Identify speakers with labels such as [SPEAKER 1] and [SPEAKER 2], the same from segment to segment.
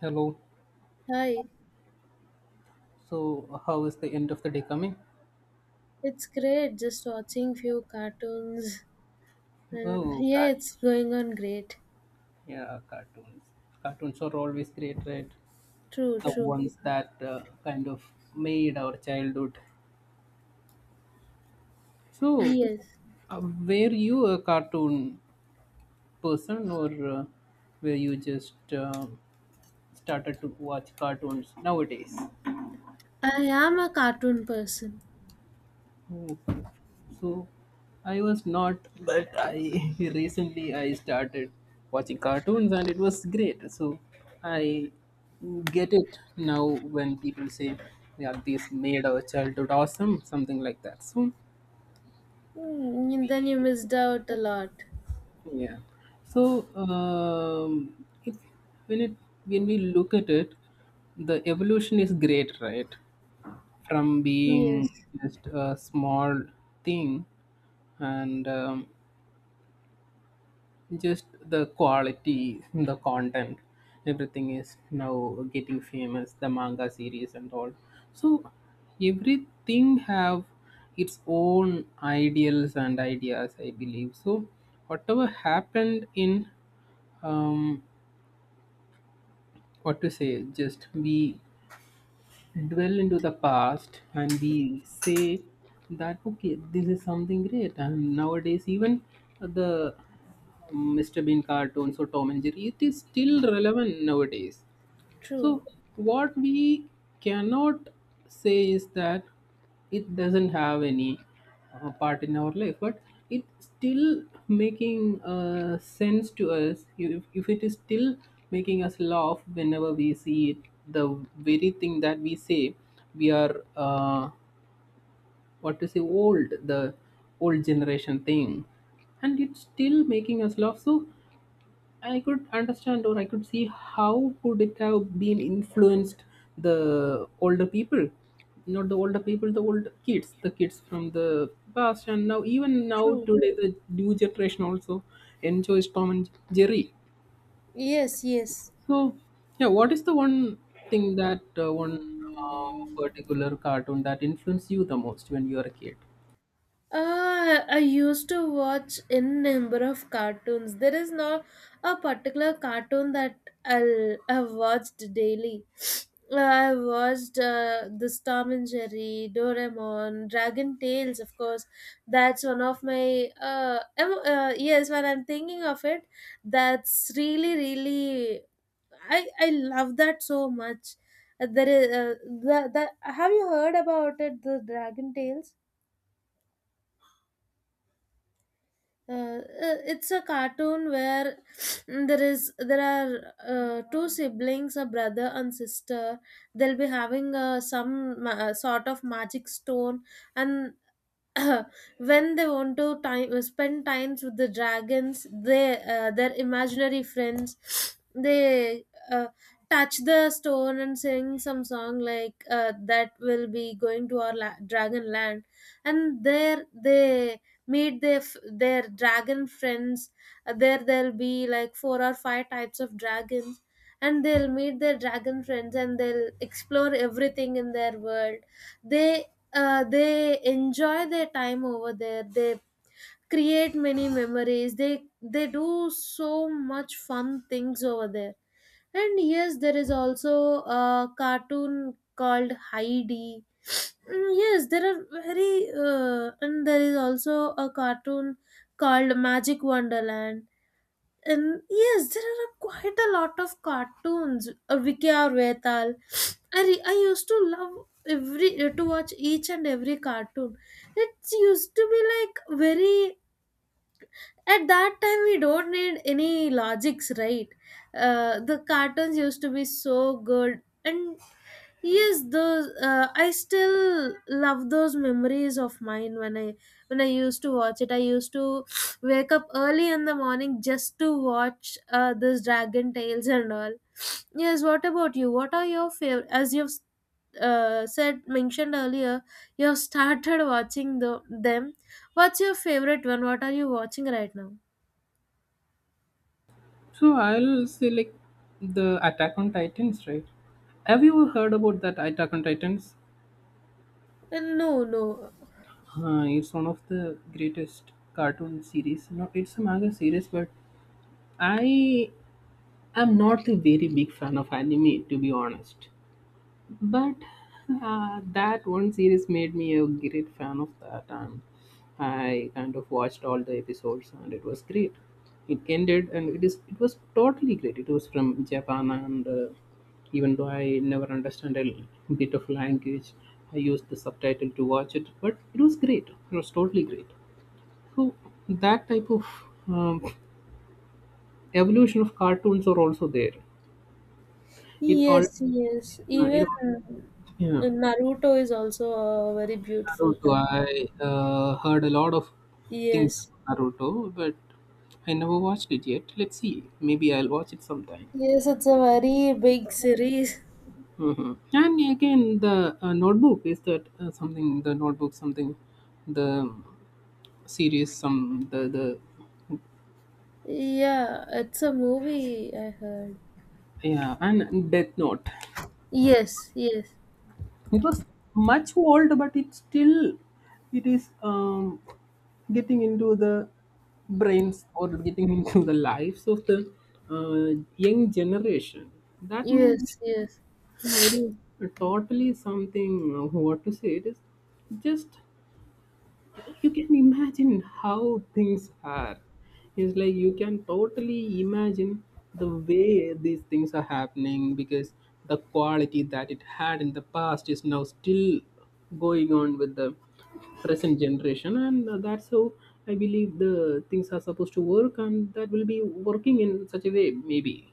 [SPEAKER 1] Hello.
[SPEAKER 2] Hi,
[SPEAKER 1] So, how is the end of the day coming?
[SPEAKER 2] it's great just watching few cartoons and
[SPEAKER 1] Oh,
[SPEAKER 2] yeah,
[SPEAKER 1] cat.
[SPEAKER 2] it's going on great.
[SPEAKER 1] Yeah, cartoons. Cartoons are always great, right?
[SPEAKER 2] True,
[SPEAKER 1] The
[SPEAKER 2] true.
[SPEAKER 1] ones that kind of made our childhood. So,
[SPEAKER 2] Yes,
[SPEAKER 1] uh, were you a cartoon person, or were you just started to watch cartoons nowadays?
[SPEAKER 2] I am a cartoon person.
[SPEAKER 1] Okay. So I was not, but I recently I started watching cartoons and it was great. So I get it now when people say, yeah, this made our childhood awesome, something like that. So
[SPEAKER 2] Mm, then you missed out a lot.
[SPEAKER 1] yeah. So, if, when it when we look at it, the evolution is great, right? From being
[SPEAKER 2] Yes,
[SPEAKER 1] just a small thing, and just the quality, the content, everything is now getting famous, the manga series and all. So everything have its own ideals and ideas, I believe. So whatever happened in um, what to say, just we dwell into the past and we say that, okay, this is something great. And nowadays even the Mr. Bean cartoons or Tom and Jerry, it is still relevant nowadays.
[SPEAKER 2] true,
[SPEAKER 1] So, what we cannot say is that it doesn't have any part in our life, but it still making sense to us. If it is still making us laugh whenever we see it, the very thing that we say, we are what to say, old, the old generation thing, and it's still making us laugh. So I could understand, or I could see how could it have been influenced the older people, not the older people, the old kids, the kids from the past, and now even now
[SPEAKER 2] true.
[SPEAKER 1] today the new generation also enjoys Tom and Jerry.
[SPEAKER 2] Yes, yes.
[SPEAKER 1] So yeah, what is the one thing that one um, particular cartoon that influenced you the most when you were a kid?
[SPEAKER 2] I used to watch in number of cartoons. There is not a particular cartoon that I've watched daily. I watched this Tom and Jerry, Doraemon, Dragon Tales, of course. That's one of my. Yes, when I'm thinking of it, that's really, really. I love that so much. There is have you heard about it, the Dragon Tales? It's a cartoon where there is there are two siblings, a brother and sister. They'll be having sort of magic stone, and when they want to time spend times with the dragons, they their imaginary friends, they uh, touch the stone and sing some song, like that will be going to our dragon land. And there they meet their their dragon friends. There there'll be like 4 or 5 types of dragons, and they'll meet their dragon friends, and they'll explore everything in their world. They they enjoy their time over there. They create many memories. They do so much fun things over there. And yes, there is also a cartoon called Heidi. Mm, yes, there are very and there is also a cartoon called Magic Wonderland. Yes, there are quite a lot of cartoons. Vicky or Vetal. I used to love every to watch each and every cartoon. It used to be like very, at that time we don't need any logics, right? The cartoons used to be so good. And yes, those I still love those memories of mine, when I used to watch it, I used to wake up early in the morning just to watch this Dragon Tales and all. Yes, what about you? What are your favorite? As you've said, mentioned earlier, you have started watching them. What's your favorite one? What are you watching right now?
[SPEAKER 1] So I'll say, like, the Attack on Titans, right? Have you heard about that Attack on Titans?
[SPEAKER 2] No, no.
[SPEAKER 1] Huh, it's one of the greatest cartoon series. No, it's a manga series, but I am not a very big fan of anime, to be honest. But that one series made me a great fan of that, and I kind of watched all the episodes, and it was great. It ended, and it was totally great. It was from Japan, and even though I never understand a bit of language, I used the subtitle to watch it, but it was great. It was totally great. So that type of um, evolution of cartoons are also there. It all,
[SPEAKER 2] Yes, yes.
[SPEAKER 1] uh, it
[SPEAKER 2] Even
[SPEAKER 1] all, yeah.
[SPEAKER 2] Naruto is also a very beautiful
[SPEAKER 1] Naruto.
[SPEAKER 2] anime.
[SPEAKER 1] I heard a lot of things
[SPEAKER 2] Yes.
[SPEAKER 1] about Naruto, but I never watched it yet. Let's see. Maybe I'll watch it sometime.
[SPEAKER 2] Yes, it's a very big series.
[SPEAKER 1] Hmm. And again, the notebook is that something? The notebook, something? The series, some the
[SPEAKER 2] Yeah, it's a movie, I heard.
[SPEAKER 1] yeah, and Death Note.
[SPEAKER 2] Yes, yes.
[SPEAKER 1] It was much old, but it still it is getting into the brains, or getting into the lives of the young generation. That means
[SPEAKER 2] Yes, yes.
[SPEAKER 1] yeah, it is totally something. What to say? It is just, you can imagine how things are. It's like you can totally imagine the way these things are happening, because the quality that it had in the past is now still going on with the present generation, and that's how I believe the things are supposed to work, and that will be working in such a way, maybe.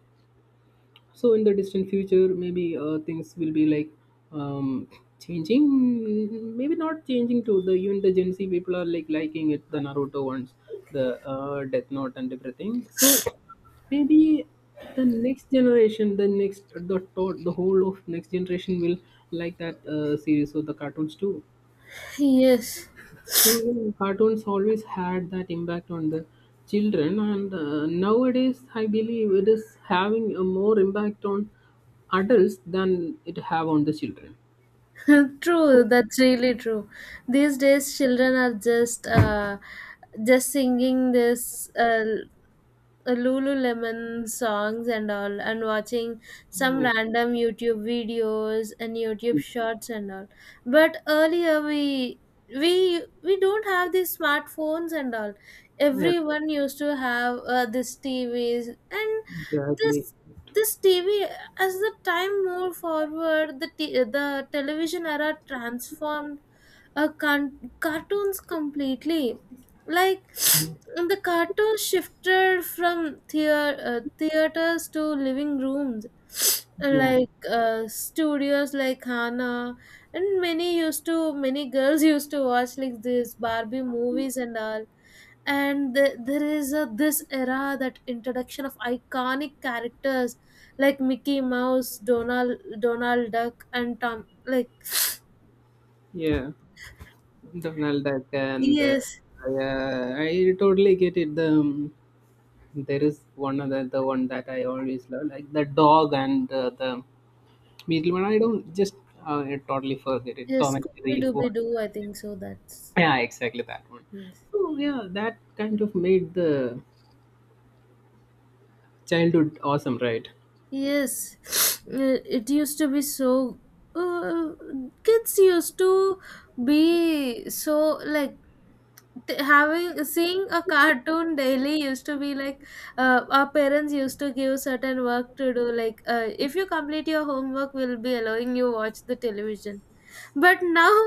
[SPEAKER 1] So in the distant future, maybe things will be like um, changing, maybe not changing, to the even the gen Z people are like liking it, the Naruto ones, the Death Note and everything. So maybe the next generation, the thought, the whole of next generation will like that series or the cartoons too.
[SPEAKER 2] Yes.
[SPEAKER 1] Well, cartoons always had that impact on the children, and nowadays I believe it is having a more impact on adults than it have on the children.
[SPEAKER 2] True, that's really true. These days children are just just singing this Lululemon songs and all, and watching some
[SPEAKER 1] Yeah,
[SPEAKER 2] random YouTube videos and YouTube shorts and all. But earlier, we don't have these smartphones and all.
[SPEAKER 1] yeah.
[SPEAKER 2] Everyone used to have this TVs and
[SPEAKER 1] Exactly.
[SPEAKER 2] this TV. As the time moved forward, the television era transformed cartoons completely, like the cartoons shifted from theaters to living rooms,
[SPEAKER 1] Yeah,
[SPEAKER 2] like studios like Hana. And many used to, many girls used to watch like this Barbie movies and all. And there is a, this era, that introduction of iconic characters like Mickey Mouse, Donald Duck, and Tom, like.
[SPEAKER 1] yeah. Donald Duck, and
[SPEAKER 2] Yes,
[SPEAKER 1] yeah, I totally get it. There is one other, the one that I always love, like the dog and the beetle one. I don't, just I totally forget it.
[SPEAKER 2] yes,
[SPEAKER 1] Tom and
[SPEAKER 2] scooby
[SPEAKER 1] Jerry.
[SPEAKER 2] dooby doo I think so, that's.
[SPEAKER 1] Yeah, exactly that one.
[SPEAKER 2] Yes.
[SPEAKER 1] Oh, yeah, that kind of made the childhood awesome, right?
[SPEAKER 2] Yes, it used to be so. Uh, Kids used to be so like having seeing a cartoon daily used to be like, our parents used to give certain work to do, like if you complete your homework we'll be allowing you watch the television. But now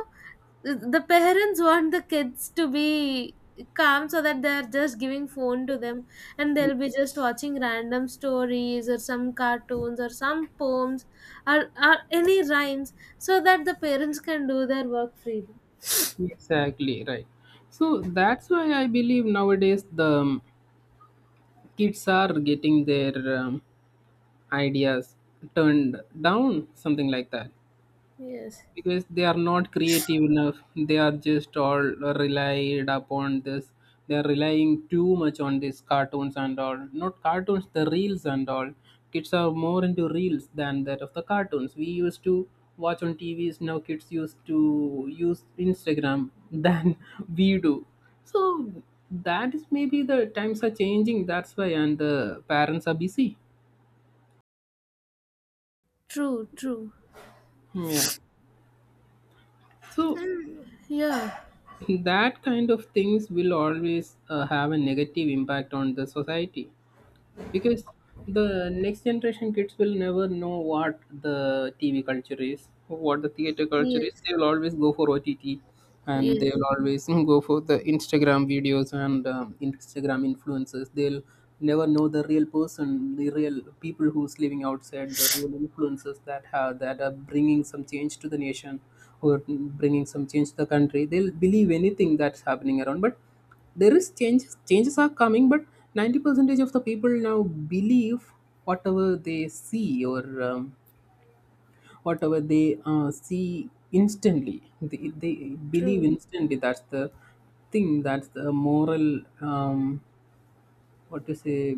[SPEAKER 2] the parents want the kids to be calm, so that they're just giving phone to them, and they'll be just watching random stories or some cartoons or some poems, or any rhymes, so that the parents can do their work freely.
[SPEAKER 1] Exactly, right. So that's why I believe nowadays the kids are getting their ideas turned down, something like that.
[SPEAKER 2] Yes,
[SPEAKER 1] Because they are not creative enough, they are just all relied upon this, they are relying too much on these cartoons and all, not cartoons, the reels and all. Kids are more into reels than that of the cartoons we used to watch on TVs. Now kids used to use Instagram than we do. So that is maybe the times are changing, that's why, and the parents are busy.
[SPEAKER 2] true, true.
[SPEAKER 1] Yeah. So
[SPEAKER 2] Yeah.
[SPEAKER 1] that kind of things will always have a negative impact on the society, because the next generation kids will never know what the TV culture is, what the theater culture is.
[SPEAKER 2] Yes,
[SPEAKER 1] They will always go for OTT, and
[SPEAKER 2] yes.
[SPEAKER 1] they will always go for the Instagram videos and Instagram influencers. They'll never know the real person, the real people who's living outside, the real influencers that have that are bringing some change to the nation, or bringing some change to the country. They'll believe anything that's happening around, but there is change changes are coming. But 90 percentage of the people now believe whatever they see, or um, whatever they see instantly, they believe
[SPEAKER 2] True,
[SPEAKER 1] instantly. That's the thing, that's the moral what to say,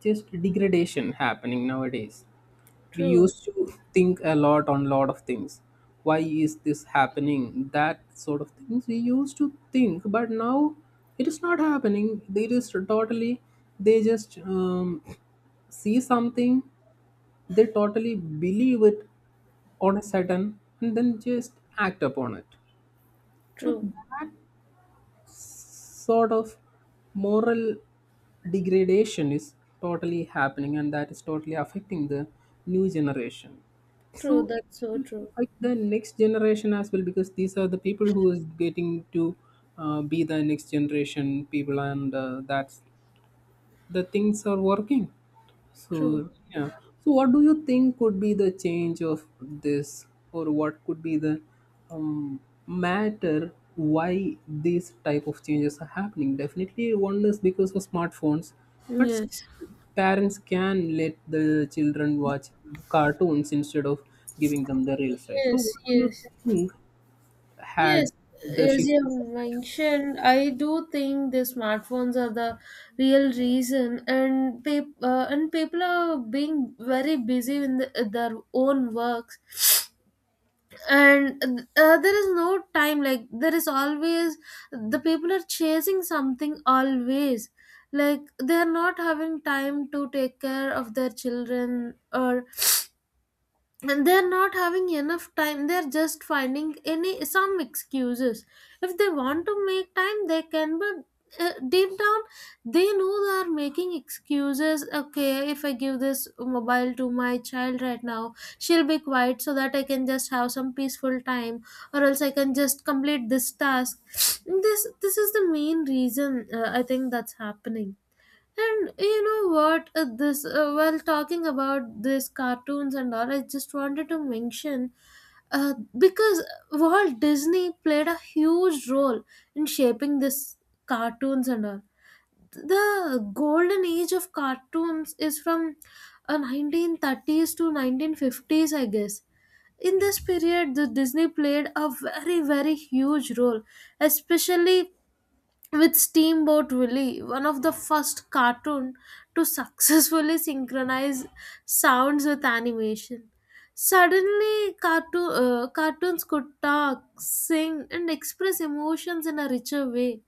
[SPEAKER 1] just degradation happening nowadays. We
[SPEAKER 2] true.
[SPEAKER 1] used to think a lot on lot of things. Why is this happening? That sort of things we used to think, but now it is not happening. They just totally, they just see something, they totally believe it on a sudden, and then just act upon it. So
[SPEAKER 2] True,
[SPEAKER 1] that sort of moral degradation is totally happening, and that is totally affecting the new generation. So
[SPEAKER 2] true,
[SPEAKER 1] it
[SPEAKER 2] that's so
[SPEAKER 1] will
[SPEAKER 2] true.
[SPEAKER 1] affect the next generation as well, because these are the people who is getting to be the next generation people, and that's the things are working.
[SPEAKER 2] True.
[SPEAKER 1] So yeah. So what do you think could be the change of this, or what could be the um, matter why these type of changes are happening? Definitely, one is because of smartphones, but still
[SPEAKER 2] Yes,
[SPEAKER 1] parents can let the children watch cartoons instead of giving them the reels, right? So
[SPEAKER 2] yes,
[SPEAKER 1] what do you
[SPEAKER 2] yes.
[SPEAKER 1] think had
[SPEAKER 2] Yes,
[SPEAKER 1] the
[SPEAKER 2] as
[SPEAKER 1] shift?
[SPEAKER 2] you have mentioned, I do think the smartphones are the real reason, and and people are being very busy in their own works, and there is no time. Like there is always, the people are chasing something always. Like they are not having time to take care of their children, or, and they're not having enough time. They're just finding any some excuses. If they want to make time they can, but deep down they know they are making excuses. Okay, if I give this mobile to my child right now, she'll be quiet so that I can just have some peaceful time, or else I can just complete this task. This is the main reason I think that's happening. And you know what? This while talking about these cartoons and all, I just wanted to mention because Walt Disney played a huge role in shaping this cartoons and all. The golden age of cartoons is from 1930s to 1950s, I guess. In this period, the Disney played a very very huge role, especially with Steamboat Willie, one of the first cartoon to successfully synchronize sounds with animation. Suddenly, cartoons could talk, sing, and express emotions in a richer way.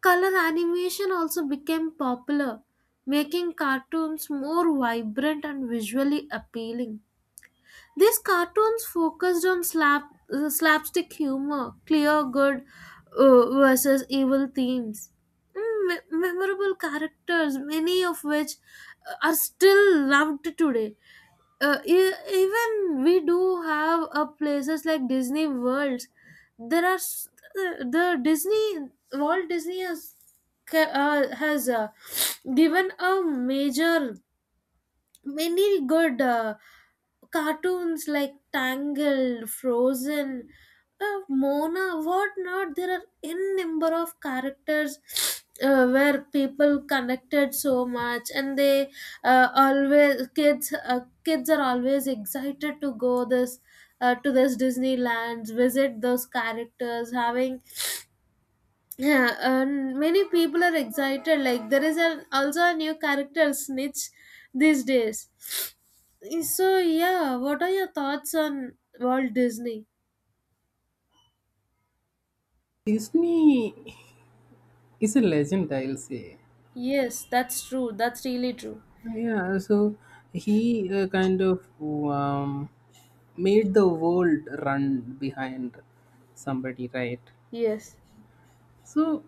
[SPEAKER 2] Color animation also became popular, making cartoons more vibrant and visually appealing. These cartoons focused on slapstick humor, clear good versus evil themes, mm, memorable characters, many of which are still loved today. Even we do have places like Disney Worlds. There are s- the Disney Walt Disney has has given a major many good. Cartoons like Tangled, Frozen, Mona, whatnot. There are n number of characters where people connected so much, and they always kids, kids are always excited to go this, to this Disneyland, visit those characters, having. Yeah, and many people are excited. Like there is an also a new character Snitch these days. So yeah, what are your thoughts on Walt Disney?
[SPEAKER 1] Disney is a legend, I'll say.
[SPEAKER 2] Yes, that's true. That's really true.
[SPEAKER 1] Yeah, so he kind of made the world run behind somebody, right?
[SPEAKER 2] Yes,
[SPEAKER 1] So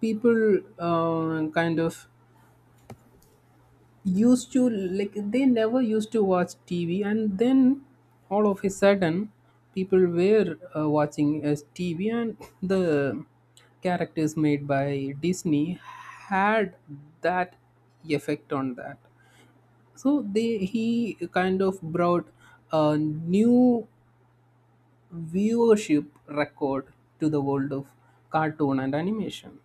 [SPEAKER 1] people kind of used to, like they never used to watch TV, and then all of a sudden, people were watching as TV, and the characters made by Disney had that effect on that. So they he kind of brought a new viewership record to the world of cartoon and animation.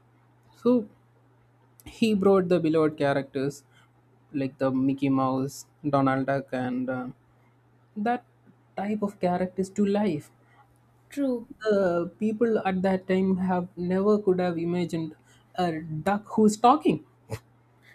[SPEAKER 1] So he brought the beloved characters like the Mickey Mouse, Donald Duck, and that type of characters to life.
[SPEAKER 2] true,
[SPEAKER 1] The people at that time have never could have imagined a duck who's talking,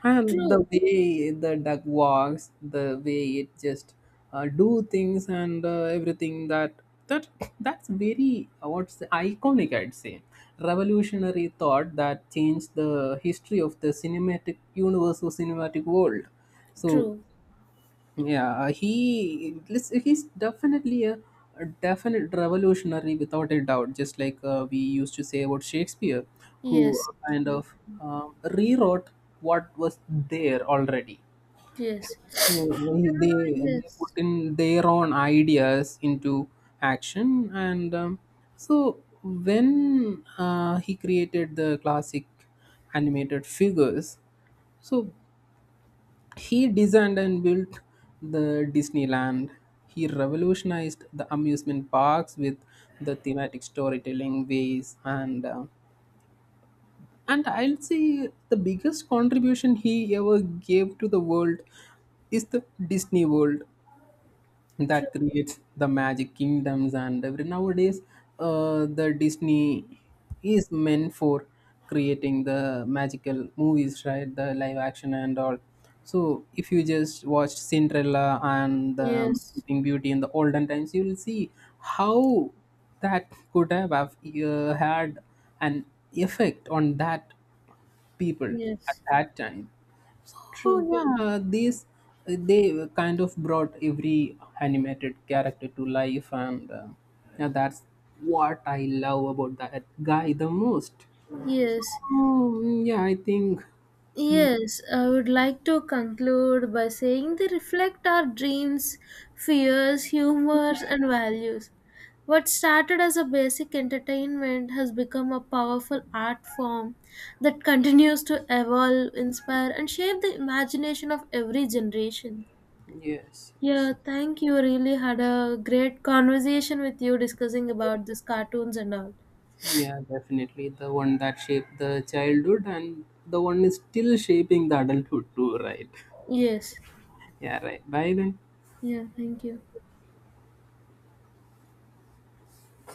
[SPEAKER 1] and
[SPEAKER 2] true,
[SPEAKER 1] the way the duck walks, the way it just do things, and everything that that that's very what's the iconic, I'd say, revolutionary thought that changed the history of the cinematic universe or cinematic world. So
[SPEAKER 2] true.
[SPEAKER 1] yeah, he he's definitely a definite revolutionary without a doubt. Just like we used to say about Shakespeare, who
[SPEAKER 2] Yes,
[SPEAKER 1] kind
[SPEAKER 2] true.
[SPEAKER 1] of rewrote what was there already.
[SPEAKER 2] Yes.
[SPEAKER 1] So
[SPEAKER 2] Yeah,
[SPEAKER 1] they put
[SPEAKER 2] yes,
[SPEAKER 1] in their own ideas into action, and so when he created the classic animated figures. So he designed and built the Disneyland. He revolutionized the amusement parks with the thematic storytelling ways, and I'll say the biggest contribution he ever gave to the world is the Disney World,
[SPEAKER 2] true.
[SPEAKER 1] that creates the magic kingdoms. And every nowadays the Disney is meant for creating the magical movies, right, the live action and all. So if you just watched Cinderella and
[SPEAKER 2] Yes,
[SPEAKER 1] Sleeping Beauty in the olden times, you will see how that could have had an effect on that people at
[SPEAKER 2] yes,
[SPEAKER 1] that time. Oh
[SPEAKER 2] true.
[SPEAKER 1] yeah, these they kind of brought every animated character to life, and yeah, that's what I love about that guy the most.
[SPEAKER 2] Yes.
[SPEAKER 1] Oh yeah, I think mm,
[SPEAKER 2] Yes, I would like to conclude by saying they reflect our dreams, fears, humors, and values. What started as a basic entertainment has become a powerful art form that continues to evolve, inspire, and shape the imagination of every generation.
[SPEAKER 1] yes, yes.
[SPEAKER 2] Yeah, thank you. Really had a great conversation with you discussing about these cartoons and all.
[SPEAKER 1] Yeah, definitely the one that shaped the childhood, and the one is still shaping the adulthood too, right?
[SPEAKER 2] Yes.
[SPEAKER 1] Yeah, right. Bye then.
[SPEAKER 2] Yeah, thank you.